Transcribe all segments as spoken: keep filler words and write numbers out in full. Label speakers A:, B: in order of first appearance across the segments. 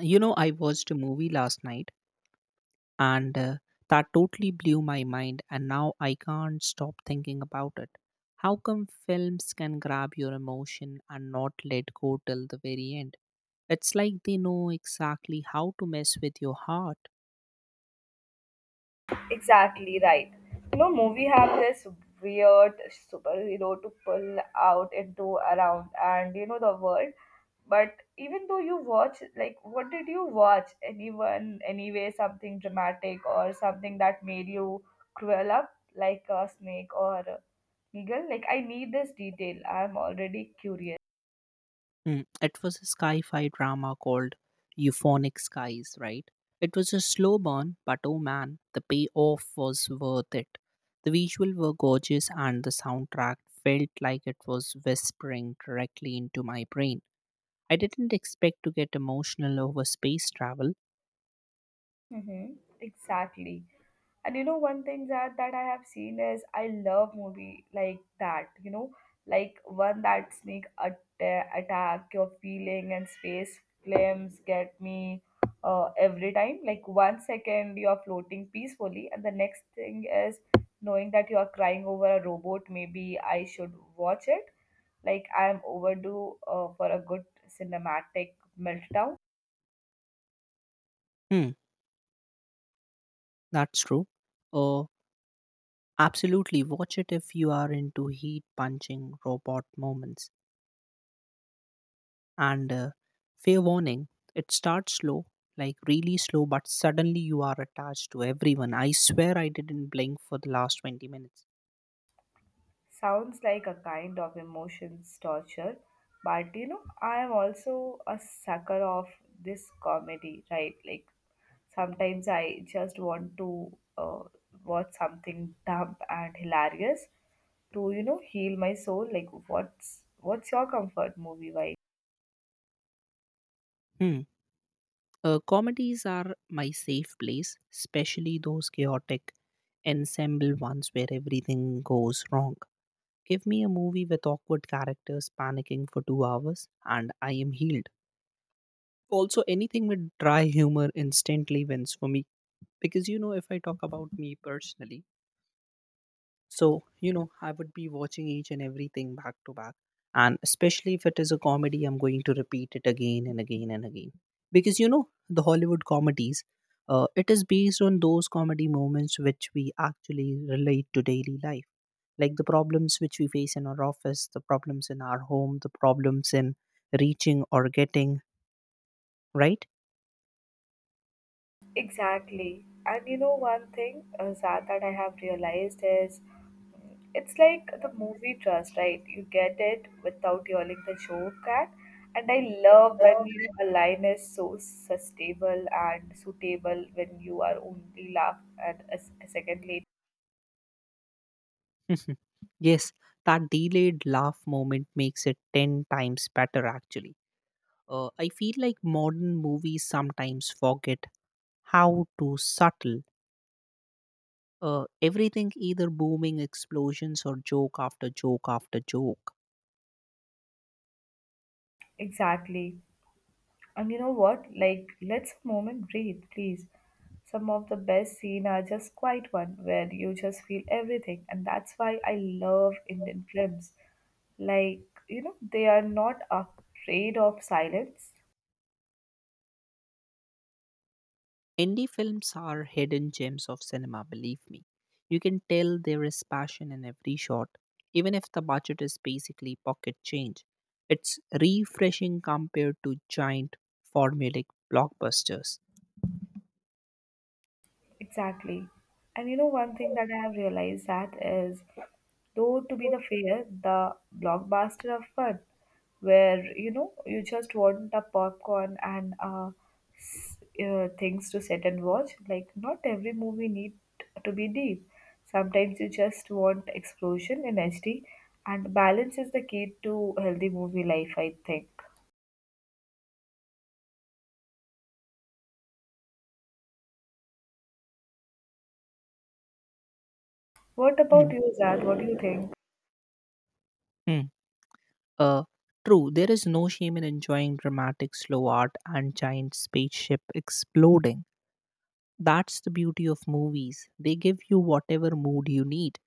A: You know, I watched a movie last night and uh, that totally blew my mind, and now I can't stop thinking about it. How come films can grab your emotion and not let go till the very end? It's like they know exactly how to mess with your heart.
B: Exactly right. You know, movie have this weird superhero to pull out into around and you know the world. But even though you watch, like, what did you watch? Anyone, anyway, something dramatic or something that made you curl up like a snake or a eagle? Like, I need this detail. I'm already curious.
A: Mm, it was a sci fi drama called Euphonic Skies, right? It was a slow burn, but oh man, the payoff was worth it. The visuals were gorgeous, and the soundtrack felt like it was whispering directly into my brain. I didn't expect to get emotional over space travel.
B: Mm-hmm. Exactly. And you know, one thing that that I have seen is I love movie like that. You know, like one that sneak atta- attack your feeling and space films get me uh, every time. Like one second you are floating peacefully, and the next thing is knowing that you are crying over a robot. Maybe I should watch it. Like I am overdue uh, for a good cinematic meltdown.
A: Hmm, that's true. Uh, absolutely, watch it if you are into heat punching robot moments. And uh, Fair warning, it starts slow, like really slow, but suddenly you are attached to everyone. I swear I didn't blink for the last twenty minutes.
B: Sounds like a kind of emotions torture, but you know, I am also a sucker of this comedy, right? Like sometimes I just want to uh, watch something dumb and hilarious to you know heal my soul. Like what's what's your comfort movie vibe?
A: Hmm. Uh, comedies are my safe place, especially those chaotic ensemble ones where everything goes wrong. Give me a movie with awkward characters panicking for two hours, and I am healed. Also, anything with dry humor instantly wins for me. Because you know, if I talk about me personally, So, you know, I would be watching each and everything back to back. And especially if it is a comedy, I'm going to repeat it again and again and again. Because, you know, the Hollywood comedies, uh, it is based on those comedy moments which we actually relate to daily life. Like the problems which we face in our office, the problems in our home, the problems in reaching or getting, right?
B: Exactly. And you know, one thing uh, Zad, that I have realized is, it's like the movie trust, right? You get it without yelling the joke at. And I love when you know, a line is so sustainable and suitable when you are only laugh at a, s- a second later.
A: Yes, that delayed laugh moment makes it ten times better actually. Uh, I feel like modern movies sometimes forget how to subtle uh, everything, either booming explosions or joke after joke after joke.
B: Exactly. And you know what? Like, let's a moment breathe, please. Some of the best scene are just quiet one where you just feel everything, and that's why I love Indian films. Like, you know, they are not afraid of silence.
A: Indie films are hidden gems of cinema, believe me. You can tell there is passion in every shot, even if the budget is basically pocket change. It's refreshing compared to giant formulaic blockbusters.
B: Exactly. And you know, one thing that I have realized that is, though to be the fair, the blockbuster of fun, where you know you just want a popcorn and uh, s- uh, things to sit and watch. Like not every movie need to be deep. Sometimes you just want explosion in H D, and balance is the key to healthy movie life. I think. What about you, Zad? What do you think?
A: Uh, true, there is no shame in enjoying dramatic slow art and giant spaceship exploding. That's the beauty of movies. They give you whatever mood you need.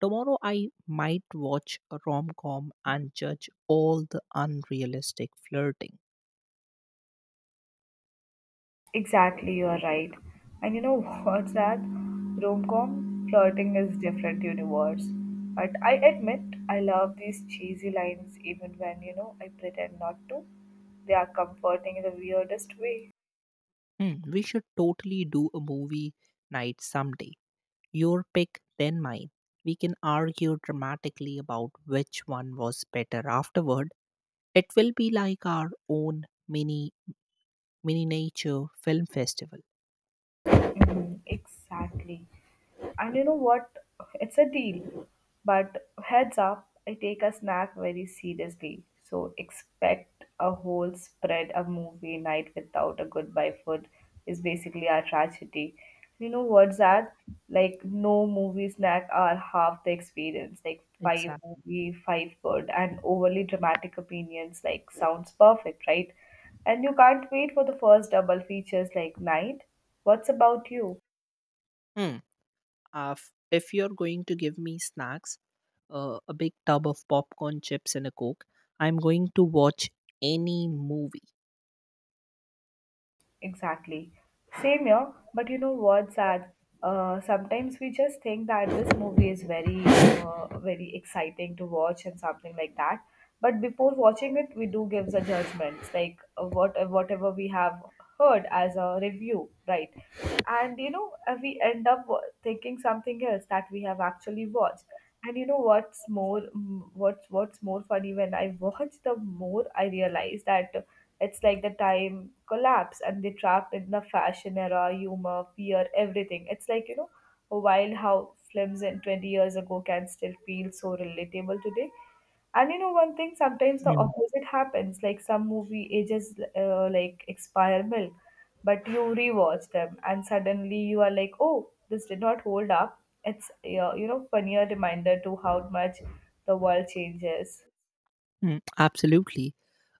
A: Tomorrow, I might watch a rom com and judge all the unrealistic flirting.
B: Exactly, you are right. And you know, what's that? Rom-com flirting is different universe. But I admit I love these cheesy lines even when, you know, I pretend not to. They are comforting in the weirdest way.
A: Hmm, we should totally do a movie night someday. Your pick, then mine. We can argue dramatically about which one was better afterward. It will be like our own mini mini nature film festival.
B: Mm, exactly. And you know what? It's a deal. But heads up, I take a snack very seriously. So expect a whole spread of movie night without a goodbye food is basically a tragedy. You know what's that? Like no movie snack are half the experience. Like five
A: Exactly.
B: movie, five good, and overly dramatic opinions like sounds perfect, right? And you can't wait for the first double features like night. What's about you?
A: Hmm. Uh, f- if you're going to give me snacks, uh, a big tub of popcorn, chips, and a coke, I'm going to watch any movie.
B: Exactly. Same here, but you know what's sad? Uh, sometimes we just think that this movie is very, uh, very exciting to watch and something like that. But before watching it, we do give the judgments, like uh, what uh, whatever we have heard as a review, right? And you know, uh, we end up wa- thinking something else that we have actually watched. And you know what's more, mm, what's what's more funny when I watch the more I realize that it's like the time collapse and they trapped in the fashion era, humor, fear, everything. It's like, you know, wild how films in twenty years ago can still feel so relatable today. And you know, one thing, sometimes the
A: Mm.
B: opposite happens. Like some movie ages uh, like expire milk, but you rewatch them and suddenly you are like, oh, this did not hold up. It's, uh, you know, funnier reminder to how much the world changes.
A: Mm, absolutely.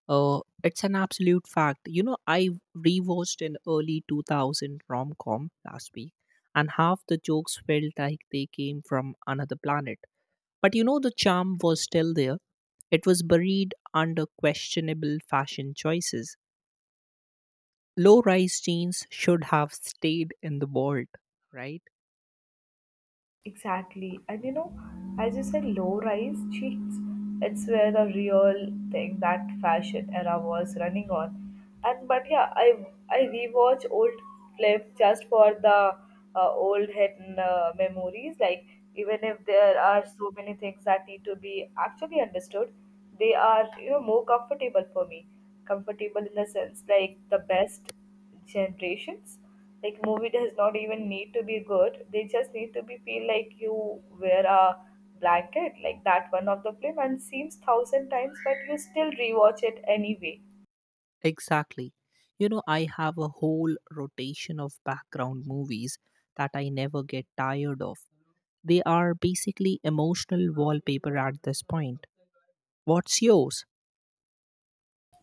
A: Uh, it's an absolute fact. You know, I rewatched an early two thousand rom com last week, and half the jokes felt like they came from another planet. But you know, the charm was still there. It was buried under questionable fashion choices. Low rise jeans should have stayed in the vault, right?
B: Exactly. And you know, as you said, low rise jeans, it's where the real thing that fashion era was running on. And but yeah, I I rewatch old clip just for the uh, old head uh, memories. Like even if there are so many things that need to be actually understood, they are you know more comfortable for me. Comfortable in the sense like the best generations. Like movie does not even need to be good. They just need to be feel like you wear a blanket, like that one of the film and seems thousand times, but you still rewatch it anyway.
A: Exactly. You know, I have a whole rotation of background movies that I never get tired of. They are basically emotional wallpaper at this point. What's yours?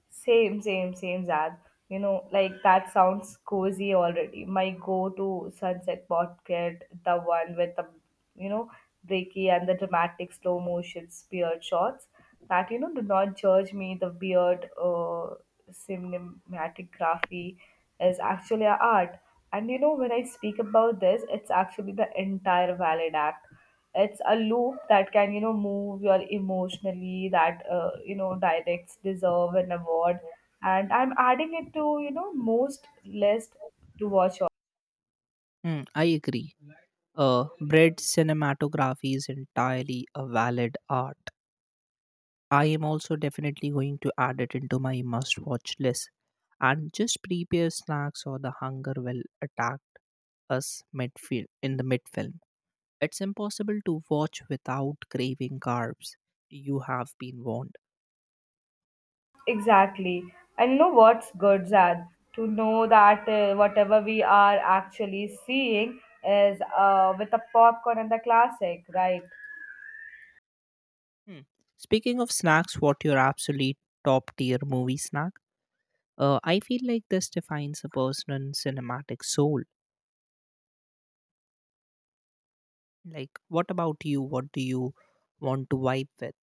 B: Same, same, same, Zad. You know, like that sounds cozy already. My go-to sunset portrait, the one with the, you know, breaky and the dramatic slow motion spear shots that, you know, do not judge me. The weird uh, cinematography is actually a art. And, you know, when I speak about this, it's actually the entire valid act, it's a loop that can you know move your emotionally, that uh, you know directs deserve an award, and I'm adding it to you know most list to watch on.
A: Hmm, I agree. Uh, bread cinematography is entirely a valid art. I am also definitely going to add it into my must watch list and just prepare snacks or the hunger will attack us midfield in the midfilm. It's impossible to watch without craving carbs. You have been warned.
B: Exactly, and you know what's good, Zan, to know that uh, whatever we are actually seeing is uh, with a popcorn and the classic, right?
A: Hmm. Speaking of snacks, what your absolute top tier movie snack? Uh, I feel like this defines a person's cinematic soul. Like, what about you? What do you want to vibe with?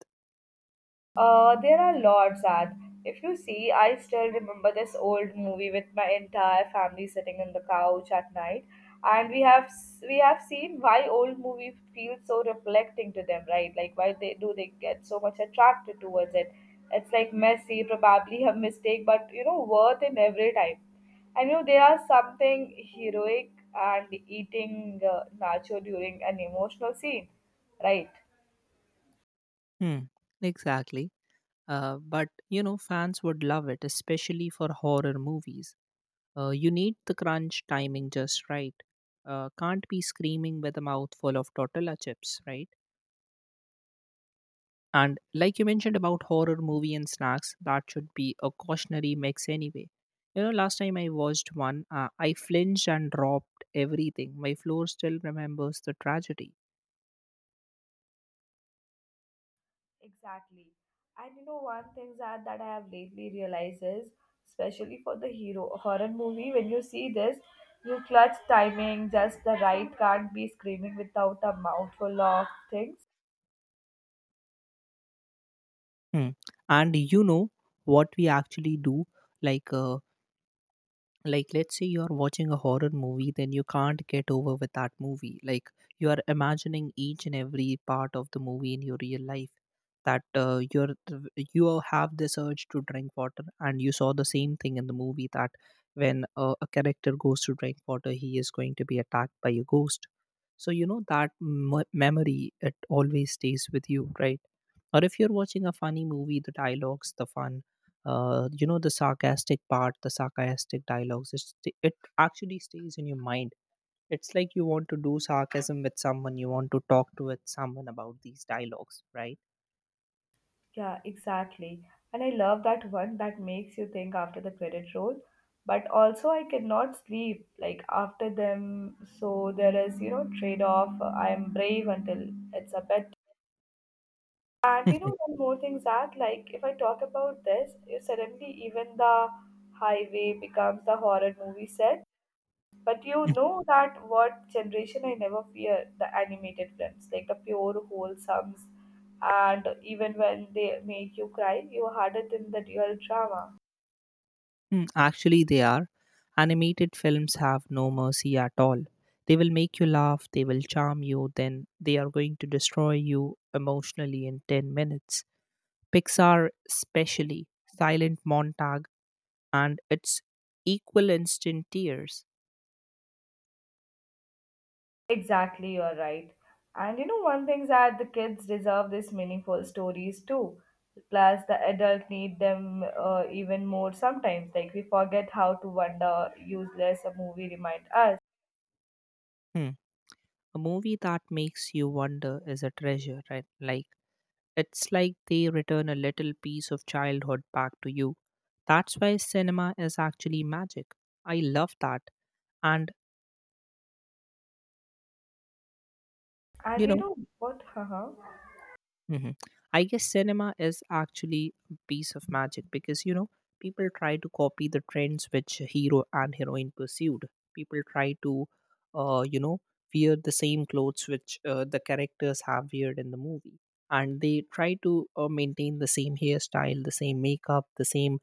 B: Uh, there are lots that, if you see, I still remember this old movie with my entire family sitting on the couch at night, and we have s- we have seen why old movies feel so reflecting to them, right? Like why they do they get so much attracted towards it? It's like messy, probably a mistake, but you know worth in every time. I know there are something heroic and eating uh, nacho during an emotional scene, right?
A: Hmm, exactly. Uh, but you know, fans would love it, especially for horror movies. Uh, you need the crunch timing just right. Uh, can't be screaming with a mouthful of tortilla chips, right? And like you mentioned about horror movie and snacks, that should be a cautionary mix anyway. You know, last time I watched one, uh, I flinched and dropped everything. My floor still remembers the tragedy.
B: Exactly. And you know, one thing that, that I have lately realized is, especially for the hero horror movie, when you see this, you clutch timing, just the right can't be screaming without a mouthful of things.
A: Hmm. And you know what we actually do? Like, uh, like, let's say you're watching a horror movie, then you can't get over with that movie. Like you are imagining each and every part of the movie in your real life, that uh, you're you have this urge to drink water and you saw the same thing in the movie, that when uh, a character goes to drink water he is going to be attacked by a ghost. So you know that m- memory it always stays with you, right? Or if you're watching a funny movie, the dialogues, the fun, uh, you know, the sarcastic part, the sarcastic dialogues, it's, it actually stays in your mind. It's like you want to do sarcasm with someone, you want to talk to with someone about these dialogues, right?
B: Yeah, exactly. And I love that one that makes you think after the credit roll. But also, I cannot sleep like after them. So there is, you know, trade off. I'm brave until it's a bedtime. And you know, one more thing, Zad, like if I talk about this, eh, suddenly even the highway becomes the horror movie set. But you know that what generation I never fear the animated films, like the pure wholesomes, and even when they make you cry, you are harder than the real drama.
A: Mm, actually, they are. Animated films have no mercy at all. They will make you laugh, they will charm you, then they are going to destroy you emotionally in ten minutes. Pixar, especially, silent montages and its equal instant tears.
B: Exactly, you're right. And you know, one thing's that the kids deserve these meaningful stories too. Plus, the adult need them uh, even more sometimes. Like we forget how to wonder, useless a movie remind us.
A: Hmm. A movie that makes you wonder is a treasure, right? Like it's like they return a little piece of childhood back to you. That's why cinema is actually magic. I love that. And
B: And
A: you
B: you
A: know,
B: know what? Haha.
A: hmm, I guess cinema is actually a piece of magic because you know people try to copy the trends which hero and heroine pursued. People try to, uh, you know, wear the same clothes which uh, the characters have weared in the movie, and they try to uh, maintain the same hairstyle, the same makeup, the same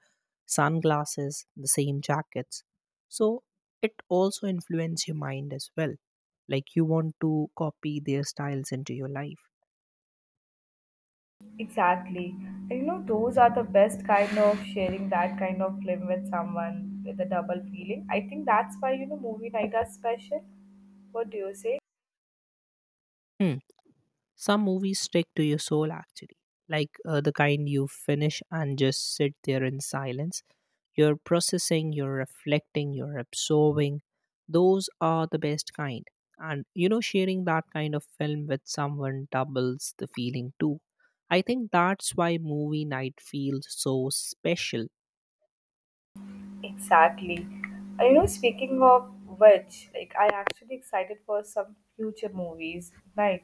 A: sunglasses, the same jackets. So it also influences your mind as well. Like you want to copy their styles into your life.
B: Exactly. And you know, those are the best kind of sharing that kind of film with someone with a double feeling. I think that's why you know movie night are special. What do you say?
A: Hmm. Some movies stick to your soul actually, like uh, the kind you finish and just sit there in silence. You're processing, you're reflecting, you're absorbing. Those are the best kind. And you know, sharing that kind of film with someone doubles the feeling too. I think that's why movie night feels so special.
B: Exactly. Uh, You know, speaking of which, like I actually excited for some future movies, right?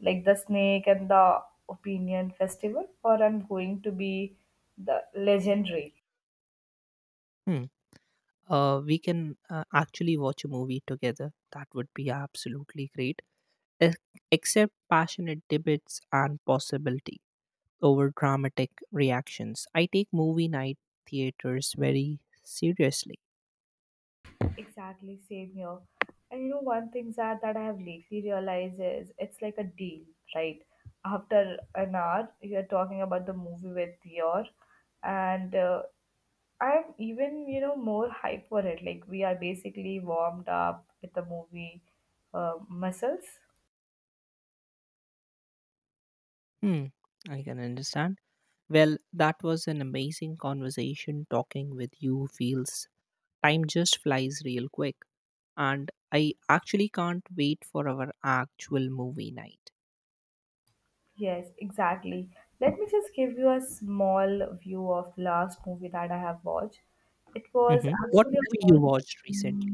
B: Like The Snake and the Opinion Festival, or I'm going to be the legendary.
A: Hmm. Uh, we can uh, actually watch a movie together. That would be absolutely great. e- Except passionate debates and possibility over dramatic reactions. I take movie night theaters very seriously.
B: Exactly, same here. And you know, one thing that that I have lately realized is, it's like a deal, right? After an hour, you're talking about the movie with your, and uh, I'm even, you know, more hype for it. Like we are basically warmed up with the movie uh, muscles.
A: Hmm, I can understand. Well, that was an amazing conversation. Talking with you feels time just flies real quick. And I actually can't wait for our actual movie night.
B: Yes, exactly. Let me just give you a small view of last movie that I have watched. It was
A: Mhm. What
B: actually a
A: movie
B: horror.
A: you watched recently?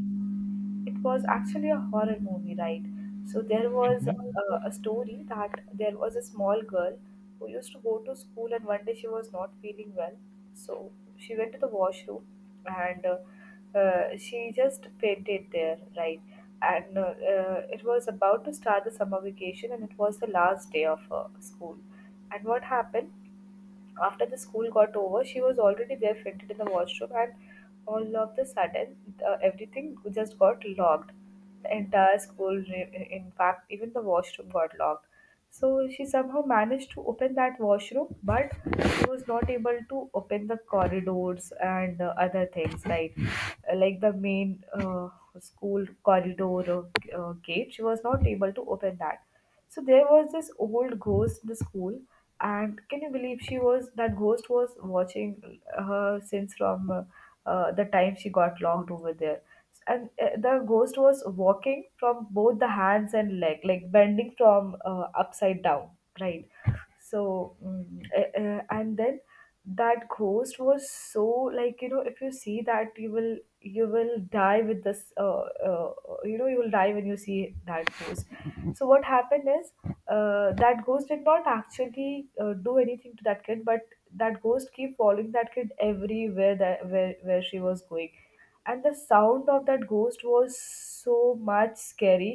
B: It was actually a horror movie, right? So there was a,
A: Mhm.
B: a story that there was a small girl who used to go to school, and one day she was not feeling well, so she went to the washroom, and uh, uh, she just fainted there, right? And uh, uh, it was about to start the summer vacation, and it was the last day of uh, school. And what happened, after the school got over, she was already there fainted in the washroom, and all of the sudden, uh, everything just got locked. The entire school, re- in fact, even the washroom got locked. So she somehow managed to open that washroom, but she was not able to open the corridors and uh, other things like like the main uh, school corridor uh, uh, gate. She was not able to open that. So there was this old ghost in the school, and can you believe she was that ghost was watching her since from uh, uh, the time she got locked over there. And uh, the ghost was walking from both the hands and leg, like bending from uh, upside down, right? So, mm, uh, uh, and then that ghost was so, like you know, if you see that, you will you will die with this uh, uh, you know, you will die when you see that ghost. So what happened is, uh, that ghost did not actually uh, do anything to that kid, but that ghost keep following that kid everywhere, that where, where she was going. And the sound of that ghost was so much scary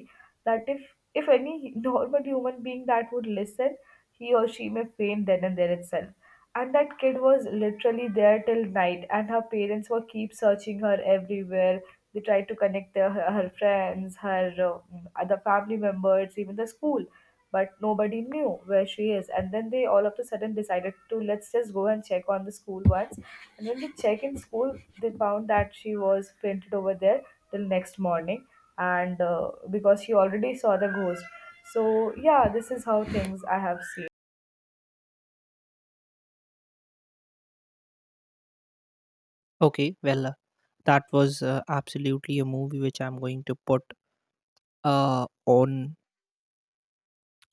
B: that if if any normal human being that would listen, he or she may faint then and there itself. And that kid was literally there till night, and her parents were keep searching her everywhere. They tried to connect their, her, her friends, her uh, other family members, even the school, but nobody knew where she is. And then they all of a sudden decided to let's just go and check on the school once. And when they check in school, they found that she was printed over there till next morning, and uh, because she already saw the ghost. So yeah, this is how things I have seen.
A: Okay, well, uh, that was uh, absolutely a movie which I'm going to put uh on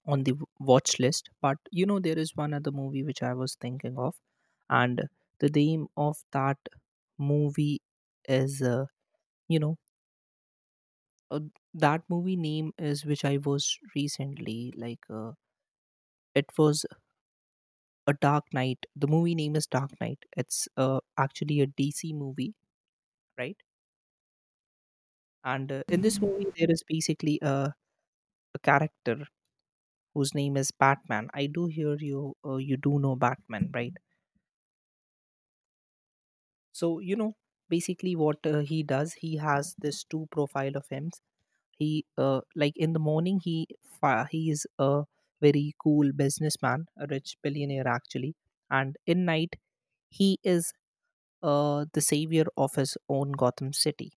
A: on the w- watch list. But you know there is one other movie which I was thinking of, and the name of that movie is uh, you know uh, that movie name is which I was recently like uh, it was a Dark Knight. The movie name is Dark Knight. It's uh, actually a DC movie, right? And uh, in this movie there is basically a, a character whose name is Batman. I do hear you, uh, you do know Batman, right? So you know basically what uh, he does, he has this two profile of him. He uh, like in the morning he fa- he is a very cool businessman, a rich billionaire actually, and in night he is uh, the savior of his own Gotham City.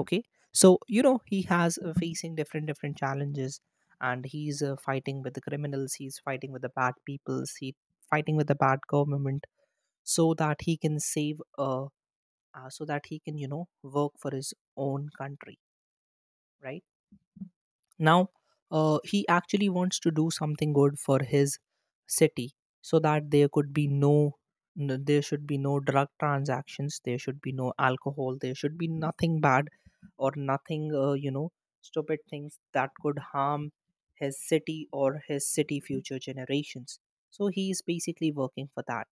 A: Okay, so you know he has uh, facing different different challenges, and he's uh, fighting with the criminals, he's fighting with the bad peoples, he fighting with the bad government, so that he can save uh, uh, so that he can you know work for his own country, right? Now uh, he actually wants to do something good for his city, so that there could be no n- there should be no drug transactions, there should be no alcohol, there should be nothing bad, or nothing uh, you know stupid things that could harm his city or his city future generations. So he is basically working for that.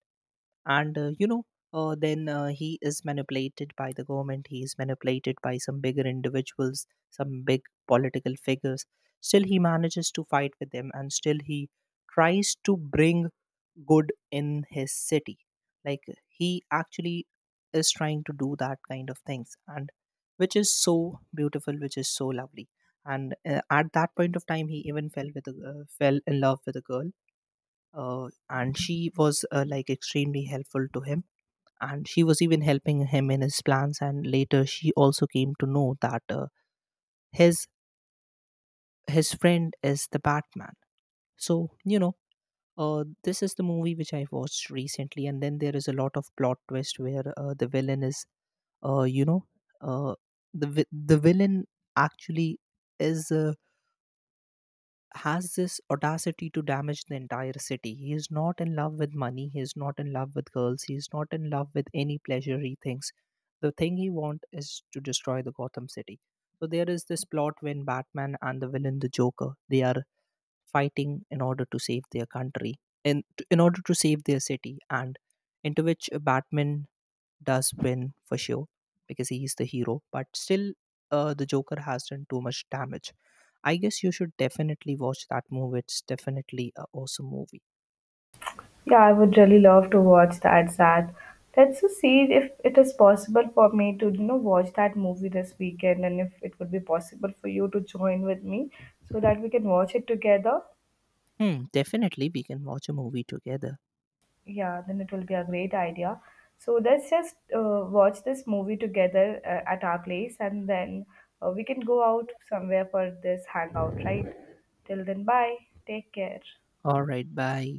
A: And uh, you know uh, then uh, he is manipulated by the government, he is manipulated by some bigger individuals, some big political figures. Still he manages to fight with them and still he tries to bring good in his city. Like he actually is trying to do that kind of things, and which is so beautiful, which is so lovely. And uh, at that point of time he even fell with a, uh, fell in love with a girl. Uh, and she was uh, like extremely helpful to him, and she was even helping him in his plans, and later she also came to know that uh, his his friend is the Batman. So you know, uh, this is the movie which I watched recently. And then there is a lot of plot twist where uh, the villain is uh, you know uh, the vi- the villain actually is uh, has this audacity to damage the entire city. He is not in love with money. He is not in love with girls. He is not in love with any pleasure he thinks. The thing he wants is to destroy the Gotham City. So there is this plot when Batman and the villain, the Joker, they are fighting in order to save their country, in in order to save their city, and into which Batman does win for sure because he's the hero, but still, uh, the Joker has done too much damage. I guess you should definitely watch that movie. It's definitely an awesome movie.
B: Yeah, I would really love to watch that, Sad. Let's just see if it is possible for me to, you know, watch that movie this weekend, and if it would be possible for you to join with me so that we can watch it together.
A: Hmm, definitely we can watch a movie together.
B: Yeah, then it will be a great idea. So let's just uh, watch this movie together uh, at our place, and then uh, we can go out somewhere for this hangout, right? Till then, bye. Take care.
A: All right, bye.